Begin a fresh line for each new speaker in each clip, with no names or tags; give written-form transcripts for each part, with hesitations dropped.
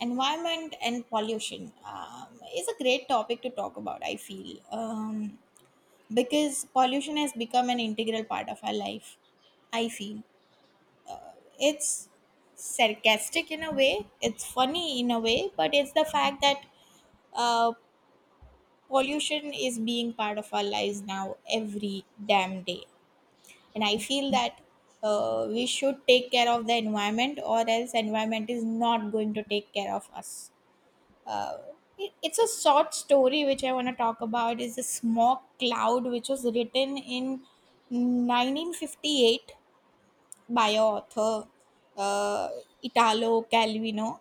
Environment and pollution is a great topic to talk about I feel. Because pollution has become an integral part of our life, I feel. It's sarcastic in a way, it's funny in a way, but it's the fact that uh, pollution is being part of our lives now every damn day. And I feel that we should take care of the environment, or else environment is not going to take care of us. Uh, it, it's a short story which I want to talk about is the smoke cloud, which was written in 1958 by a author, uh, Italo Calvino.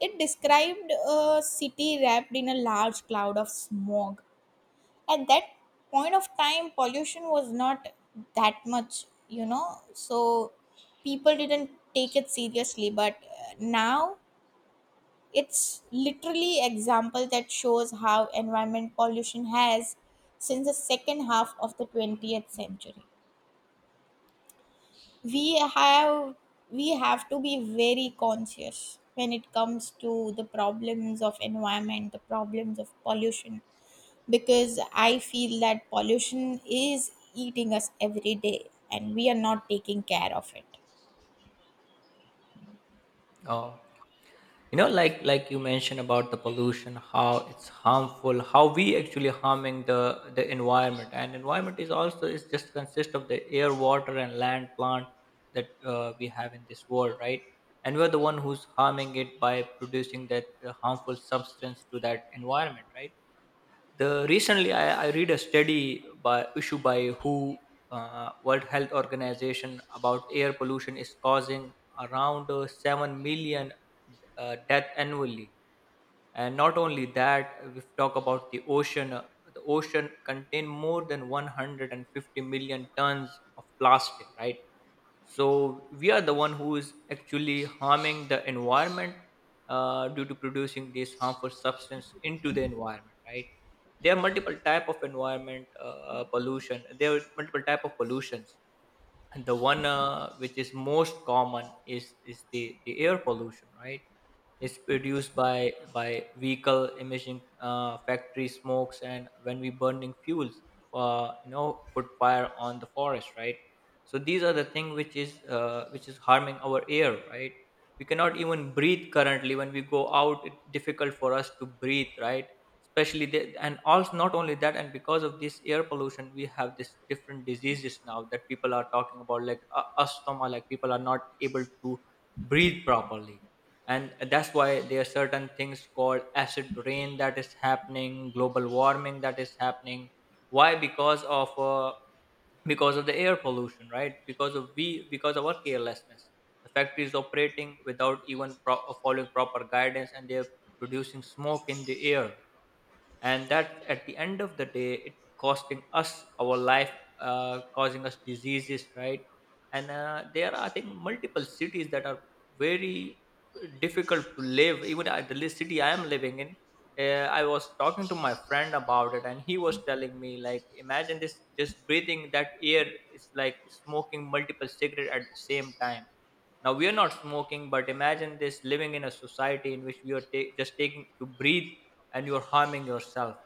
It described a city wrapped in a large cloud of smog. At that point of time, pollution was not that much, you know, so people didn't take it seriously. But now it's literally example that shows how environment pollution has since the second half of the 20th century. We have we have to be very conscious when it comes to the problems of environment, the problems of pollution, because I feel that pollution is eating us every day and we are not taking care of it.
Oh, you know, like you mentioned about the pollution, how it's harmful, how we actually harming the environment, and environment is also is just consist of the air, water, and land, plant that we have in this world, right? And we're the one who's harming it by producing that harmful substance to that environment, right? The Recently I read a study by issued by WHO, World Health Organization, about air pollution is causing around 7 million death annually. And not only that, if we talk about the ocean, the ocean contain more than 150 million tons of plastic, right? So we are the one who is actually harming the environment due to producing this harmful substance into the environment, right? There are multiple type of environment pollution. There are multiple type of pollutions, and the one which is most common is the air pollution, right? It's produced by vehicle emission, factory smokes, and when we burning fuels, you know, put fire on the forest, right? So these are the thing which is harming our air, right? We cannot even breathe currently. When we go out, it's difficult for us to breathe, right? Especially and also not only that, and because of this air pollution we have this different diseases now that people are talking about, like asthma, like people are not able to breathe properly. And that's why there are certain things called acid rain that is happening, global warming that is happening. Why? Because of because of the air pollution, right? Because of we because of our carelessness, the factories operating without even following proper guidance, and they're producing smoke in the air, and that at the end of the day it costing us our life, causing us diseases, right? And there are, I think, multiple cities that are very difficult to live. Even at the least city I am living in, I was talking to my friend about it, and he was telling me, like, imagine this, just breathing that air is like smoking multiple cigarette at the same time. Now we are not smoking, but imagine this, living in a society in which we are just taking to breathe and you're harming yourself.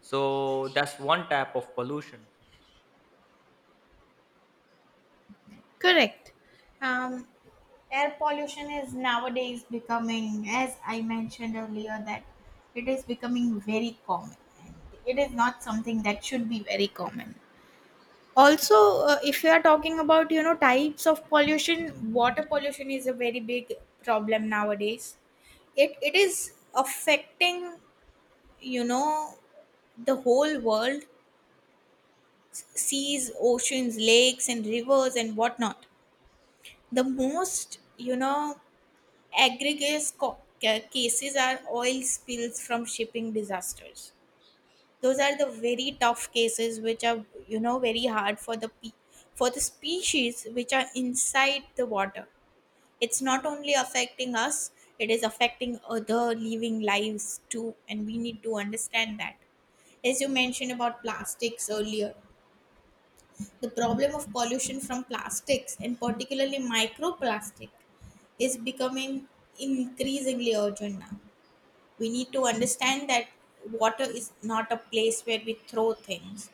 So that's one type of pollution.
Correct. Um, Air pollution is nowadays becoming, as I mentioned earlier, that it is becoming very common. And it is not something that should be very common. Also, if you are talking about, you know, types of pollution, water pollution is a very big problem nowadays. It is affecting, you know, the whole world, seas, oceans, lakes, and rivers and whatnot. The most, you know, aggregate cases are oil spills from shipping disasters. Those are the very tough cases which are, you know, very hard for the for the species which are inside the water. It's not only affecting us; it is affecting other living lives too, and we need to understand that. As you mentioned about plastics earlier, the problem of pollution from plastics, and particularly microplastic, is becoming increasingly urgent now. We need to understand that water is not a place where we throw things,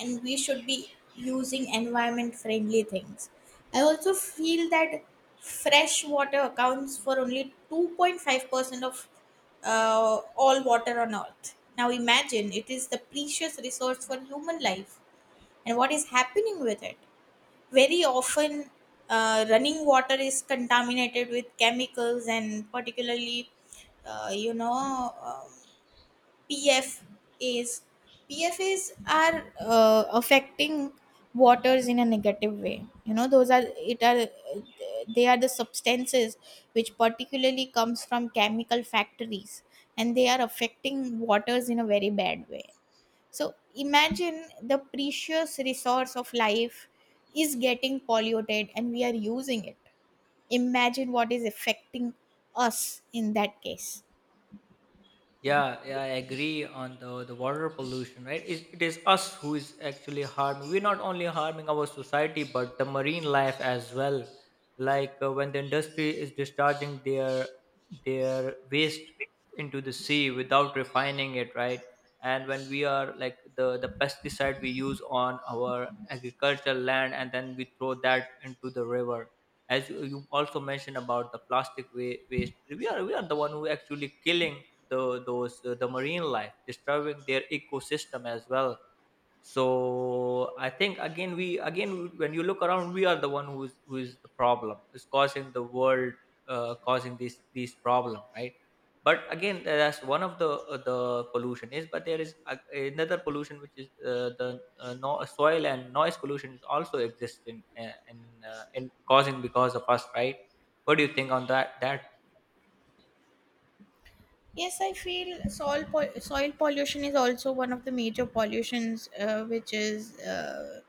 and we should be using environment friendly things. I also feel that fresh water accounts for only 2.5% of all water on earth. Now imagine, it is the precious resource for human life, and what is happening with it. Very often running water is contaminated with chemicals and particularly uh, you know um, pfas. Pfas are affecting waters in a negative way, you know. Those are, it are, they are the substances which particularly comes from chemical factories, and they are affecting waters in a very bad way. So imagine, the precious resource of life is getting polluted and we are using it. Imagine what is affecting us in that case.
Yeah, I agree on the water pollution, right? It is us who is actually harming. We're not only harming our society, but the marine life as well. Like when the industry is discharging their waste into the sea without refining it, right? And when we are like the pesticide we use on our agricultural land, and then we throw that into the river. As you also mentioned about the plastic waste, we are the one who actually killing the those the marine life, disturbing their ecosystem as well. So I think again, we again when you look around, we are the one who's who is the problem, is causing the world causing this these problem, right? But again, that's one of the pollution is, but there is a, another pollution which is the no, soil and noise pollution is also existing in causing because of us, right? What do you think on that?
Yes, I feel soil, soil pollution is also one of the major pollutions, which is uh,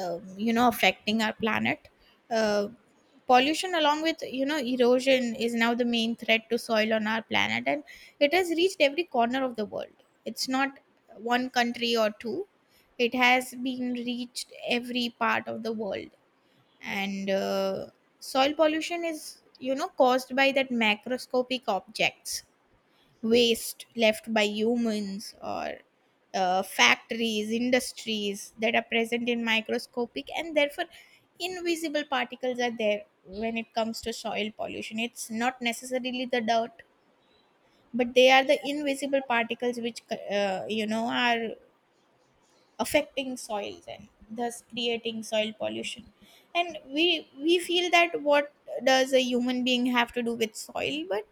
um, you know affecting our planet. uh, Pollution along with, you know, erosion is now the main threat to soil on our planet, and it has reached every corner of the world. It's not one country or two, it has been reached every part of the world. And soil pollution is, you know, caused by that macroscopic objects, waste left by humans or factories, industries that are present in microscopic, and therefore invisible particles are there. When it comes to soil pollution, it's not necessarily the dirt, but they are the invisible particles which, you know, are affecting soils and thus creating soil pollution. And we feel that what does a human being have to do with soil, but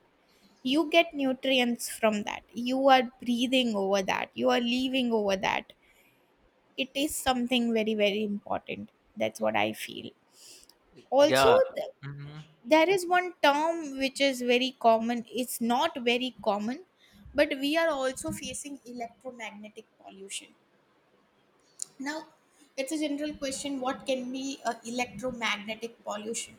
you get nutrients from that, you are breathing over that, you are living over that. It is something very very important, that's what I feel. Also,
Yeah. Mhm.
there is one term which is very common, it's not very common, but we are also facing electromagnetic pollution now. It's a general question, what can be electromagnetic pollution.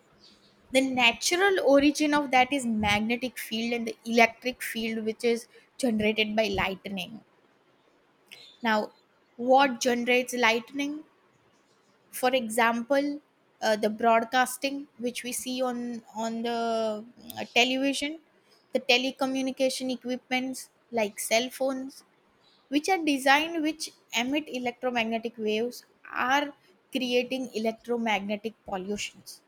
The natural origin of that is magnetic field and the electric field which is generated by lightning. Now, what generates lightning? For example, the broadcasting which we see on on the television, the telecommunication equipments like cell phones, which are designed, which emit electromagnetic waves, are creating electromagnetic pollutions.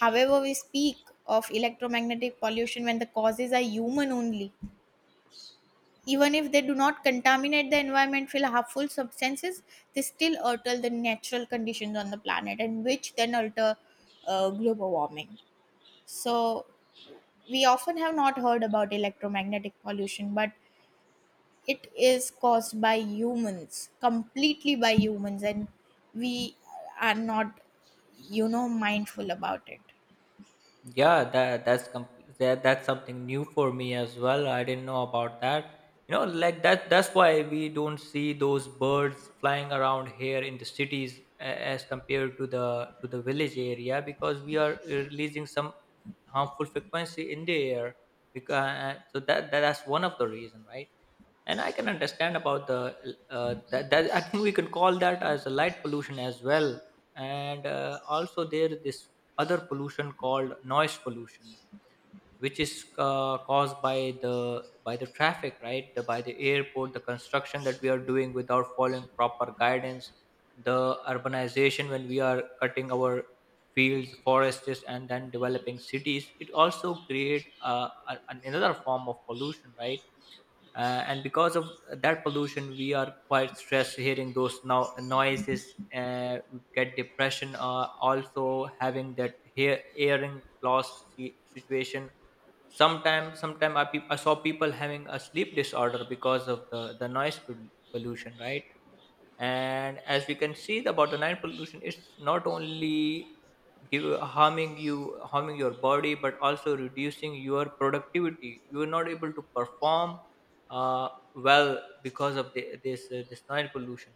However, we speak of electromagnetic pollution when the causes are human only. Even if they do not contaminate the environment with harmful substances, they still alter the natural conditions on the planet, and which then alter global warming. So, we often have not heard about electromagnetic pollution, but it is caused by humans, completely by humans, and we are not, you know, mindful about it.
Yeah, that that's something new for me as well. I didn't know about that. You know, That's why we don't see those birds flying around here in the cities as compared to the village area, because we are releasing some harmful frequency in the air. Because so that, that's one of the reason, right? And I can understand about the that, that I think we can call that as a light pollution as well. And also there this other pollution called noise pollution, which is caused by the traffic, right? The, by the airport, the construction that we are doing without following proper guidance, the urbanization, when we are cutting our fields, forests, and then developing cities, it also create another form of pollution, right? And because of that pollution, we are quite stressed hearing those now noises. We get depression, also having that hearing loss situation. Sometimes, I saw people having a sleep disorder because of the noise pollution, right? And as we can see about the night pollution, it's not only give, harming you, harming your body, but also reducing your productivity. You are not able to perform uh, well because of the, this this noise pollution.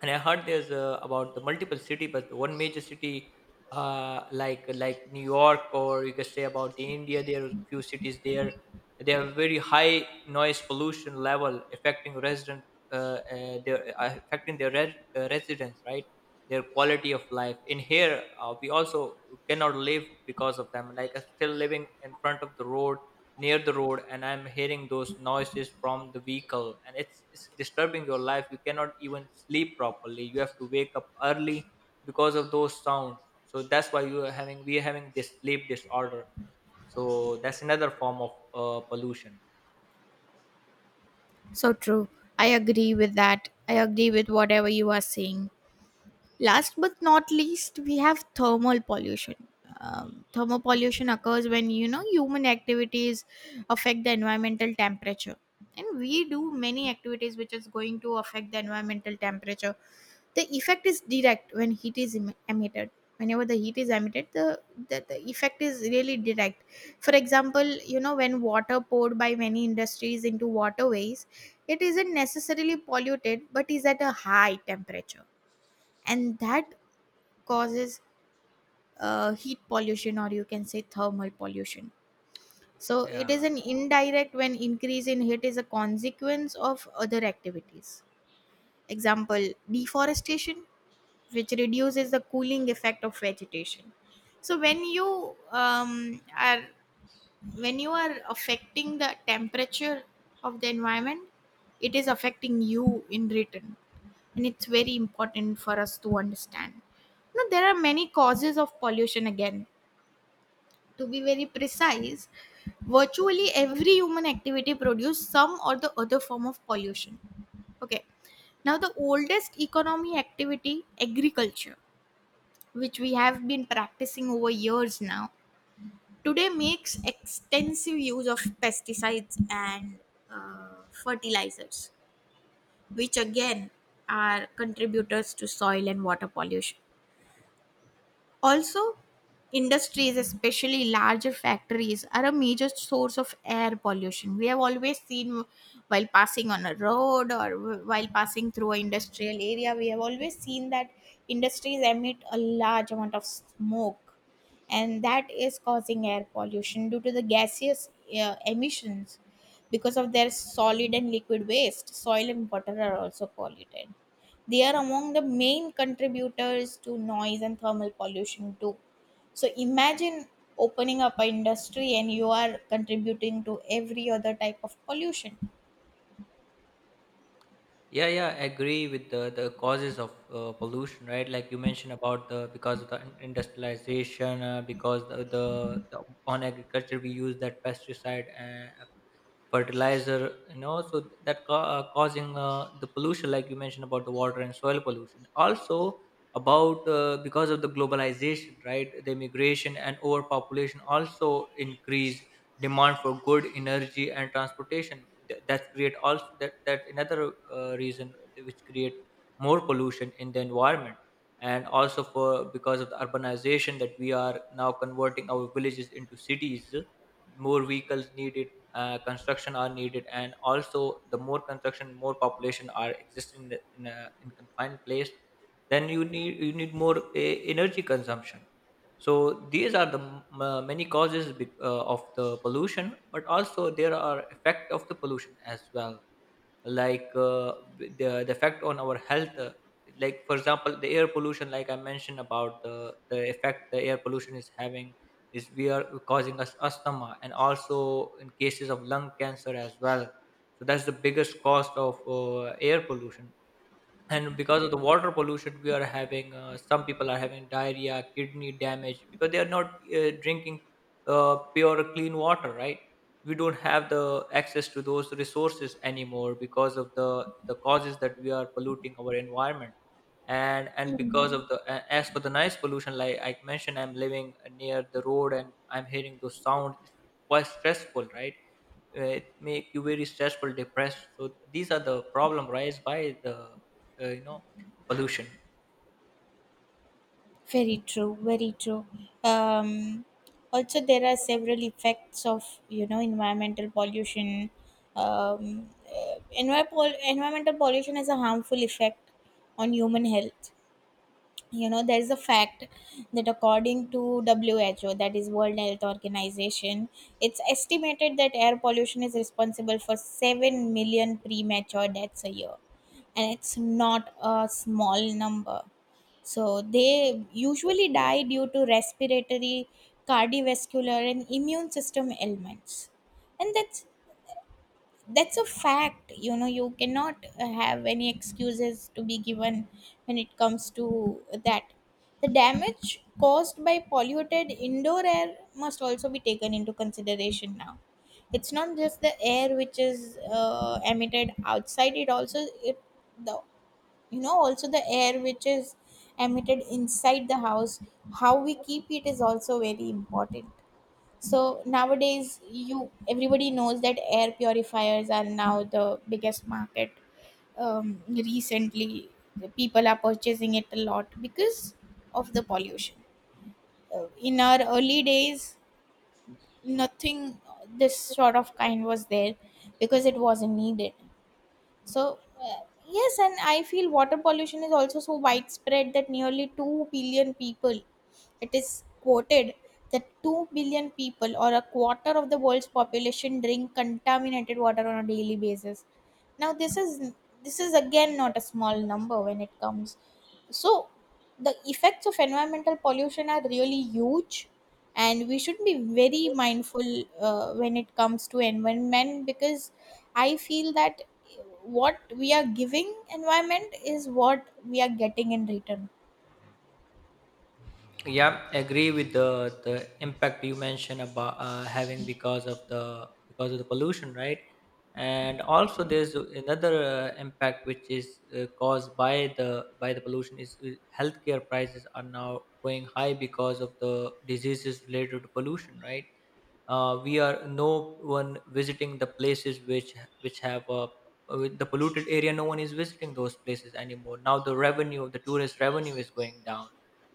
And I heard there's about the multiple city, but the one major city like New York, or you can say about the India. There are few cities there. They have very high noise pollution level affecting resident, uh, affecting their residents, right? Their quality of life. In here, we also cannot live because of them. Like I'm still living in front of the road, near the road, and I'm hearing those noises from the vehicle, and it's disturbing your life. You cannot even sleep properly. You have to wake up early because of those sounds. So that's why you are having we are having this sleep disorder. So that's another form of pollution.
So true. I agree with that. I agree with whatever you are saying. Last but not least, we have thermal pollution. Thermal pollution occurs when, you know, human activities affect the environmental temperature, and we do many activities which is going to affect the environmental temperature. The effect is direct when heat is emitted. Whenever the heat is emitted, the effect is really direct. For example, you know, when water poured by many industries into waterways, it isn't necessarily polluted, but is at a high temperature, and that causes heat pollution, or you can say thermal pollution. So it is
yeah
an indirect when increase in heat is a consequence of other activities. Example, deforestation, which reduces the cooling effect of vegetation. So when you are when you are affecting the temperature of the environment, it is affecting you in return, and it's very important for us to understand. Now there are many causes of pollution. Again, to be very precise, virtually every human activity produces some or the other form of pollution. Okay. Now, the oldest economy activity, agriculture, which we have been practicing over years now, today makes extensive use of pesticides and fertilizers, which again are contributors to soil and water pollution. Also, industries, especially larger factories, are a major source of air pollution. We have always seen, while passing on a road or while passing through an industrial area, we have always seen that industries emit a large amount of smoke, and that is causing air pollution due to the gaseous emissions. Because of their solid and liquid waste, soil and water are also polluted. They are among the main contributors to noise and thermal pollution too. So imagine opening up an industry and you are contributing to every other type of pollution.
yeah yeah, I agree with the causes of pollution, right? Like you mentioned about the because of the industrialization, because the on agriculture we use that pesticide, fertilizer, you know, so that causing the pollution, like you mentioned about the water and soil pollution. Also about because of the globalization, right? The immigration and overpopulation also increase demand for good energy and transportation. That create also that another reason which create more pollution in the environment. And also for because of the urbanization, that we are now converting our villages into cities. More vehicles needed, construction are needed, and also the more construction, more population are existing in a in confined place. Then you need more energy consumption. So these are the many causes of the pollution. But also there are effect of the pollution as well. Like the effect on our health, like, for example, the air pollution, like I mentioned about the effect the air pollution is having is we are causing us asthma and also in cases of lung cancer as well. So that's the biggest cost of air pollution. And because of the water pollution, we are having, some people are having diarrhea, kidney damage, because they are not drinking pure clean water, right? We don't have the access to those resources anymore because of the causes that we are polluting our environment. And because
Hmm.
of the as for the noise pollution, like I mentioned, I'm living near the road and I'm hearing those sounds. It's quite stressful, right? It make you very stressful, depressed. So these are the problem raised by the you know, pollution.
Very true, very true. Um, Also, there are several effects of, you know, environmental pollution. Um, uh, Environmental pollution has a harmful effect on human health. You know, there is a fact that according to who, that is world health organization, it's estimated that air pollution is responsible for 7 million premature deaths a year, and it's not a small number. So they usually die due to respiratory, cardiovascular and immune system ailments. And that's a fact. You know, you cannot have any excuses to be given when it comes to that. The damage caused by polluted indoor air must also be taken into consideration now. It's not just the air which is emitted outside, it also, it, the, you know, also the air which is emitted inside the house, how we keep it is also very important. So nowadays, you, everybody knows that air purifiers are now the biggest market. Recently, the people are purchasing it a lot because of the pollution. In our early days, nothing this sort of kind was there, because it wasn't needed. So, yes, and I feel water pollution is also so widespread that nearly 2 billion people, it is quoted that 2 billion people or a quarter of the world's population drink contaminated water on a daily basis. Now, this is, this is again not a small number when it comes. So the effects of environmental pollution are really huge, and we should be very mindful when it comes to environment, because I feel that what we are giving environment is what we are getting in return.
Yeah, agree with the impact you mentioned about having because of the pollution, right? And also there's another impact which is caused by the pollution is, healthcare prices are now going high because of the diseases related to pollution, right? We are, no one visiting the places which have with the polluted area, no one is visiting those places anymore. Now the revenue, the tourist revenue is going down.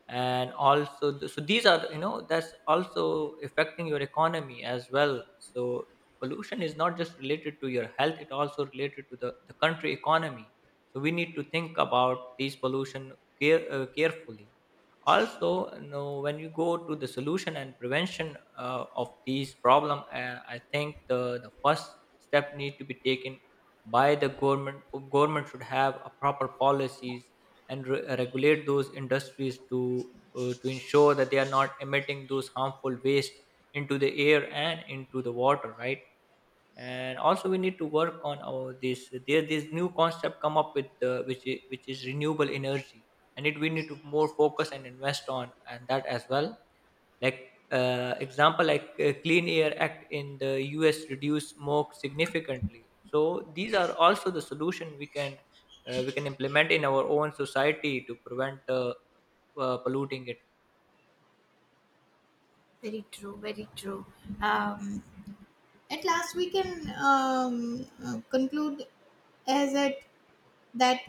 And also so these are, you know, that's also affecting your economy as well. So pollution is not just related to your health, it also related to the country economy. So we need to think about these pollution carefully. Also, you know, when you go to the solution and prevention of these problem, I think the first step need to be taken by the government. Government should have a proper policies and regulate those industries to ensure that they are not emitting those harmful waste into the air and into the water, right? And also we need to work on our this, there this new concept come up with which is renewable energy, and it we need to more focus and invest on and that as well. Like example, like Clean Air Act in the US reduce smoke significantly. So these are also the solution we can implement in our own society to prevent polluting it.
Very true, very true. Um, At last, we can conclude as at that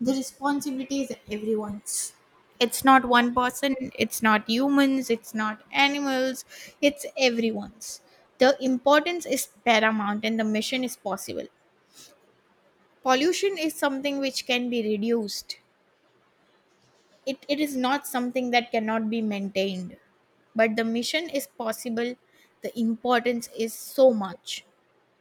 the responsibility is everyone's. It's not one person, it's not humans, it's not animals, it's everyone's. The importance is paramount and the mission is possible. Pollution is something which can be reduced, it is not something that cannot be maintained. But the mission is possible, the importance is so much.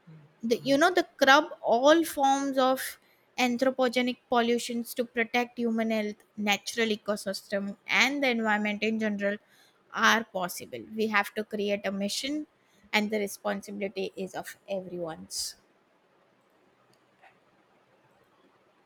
Mm,
The, you
mm.
know, the crab all forms of anthropogenic pollutions to protect human health, natural ecosystem and the environment in general are possible. We have to create a mission, and the responsibility is of everyone's.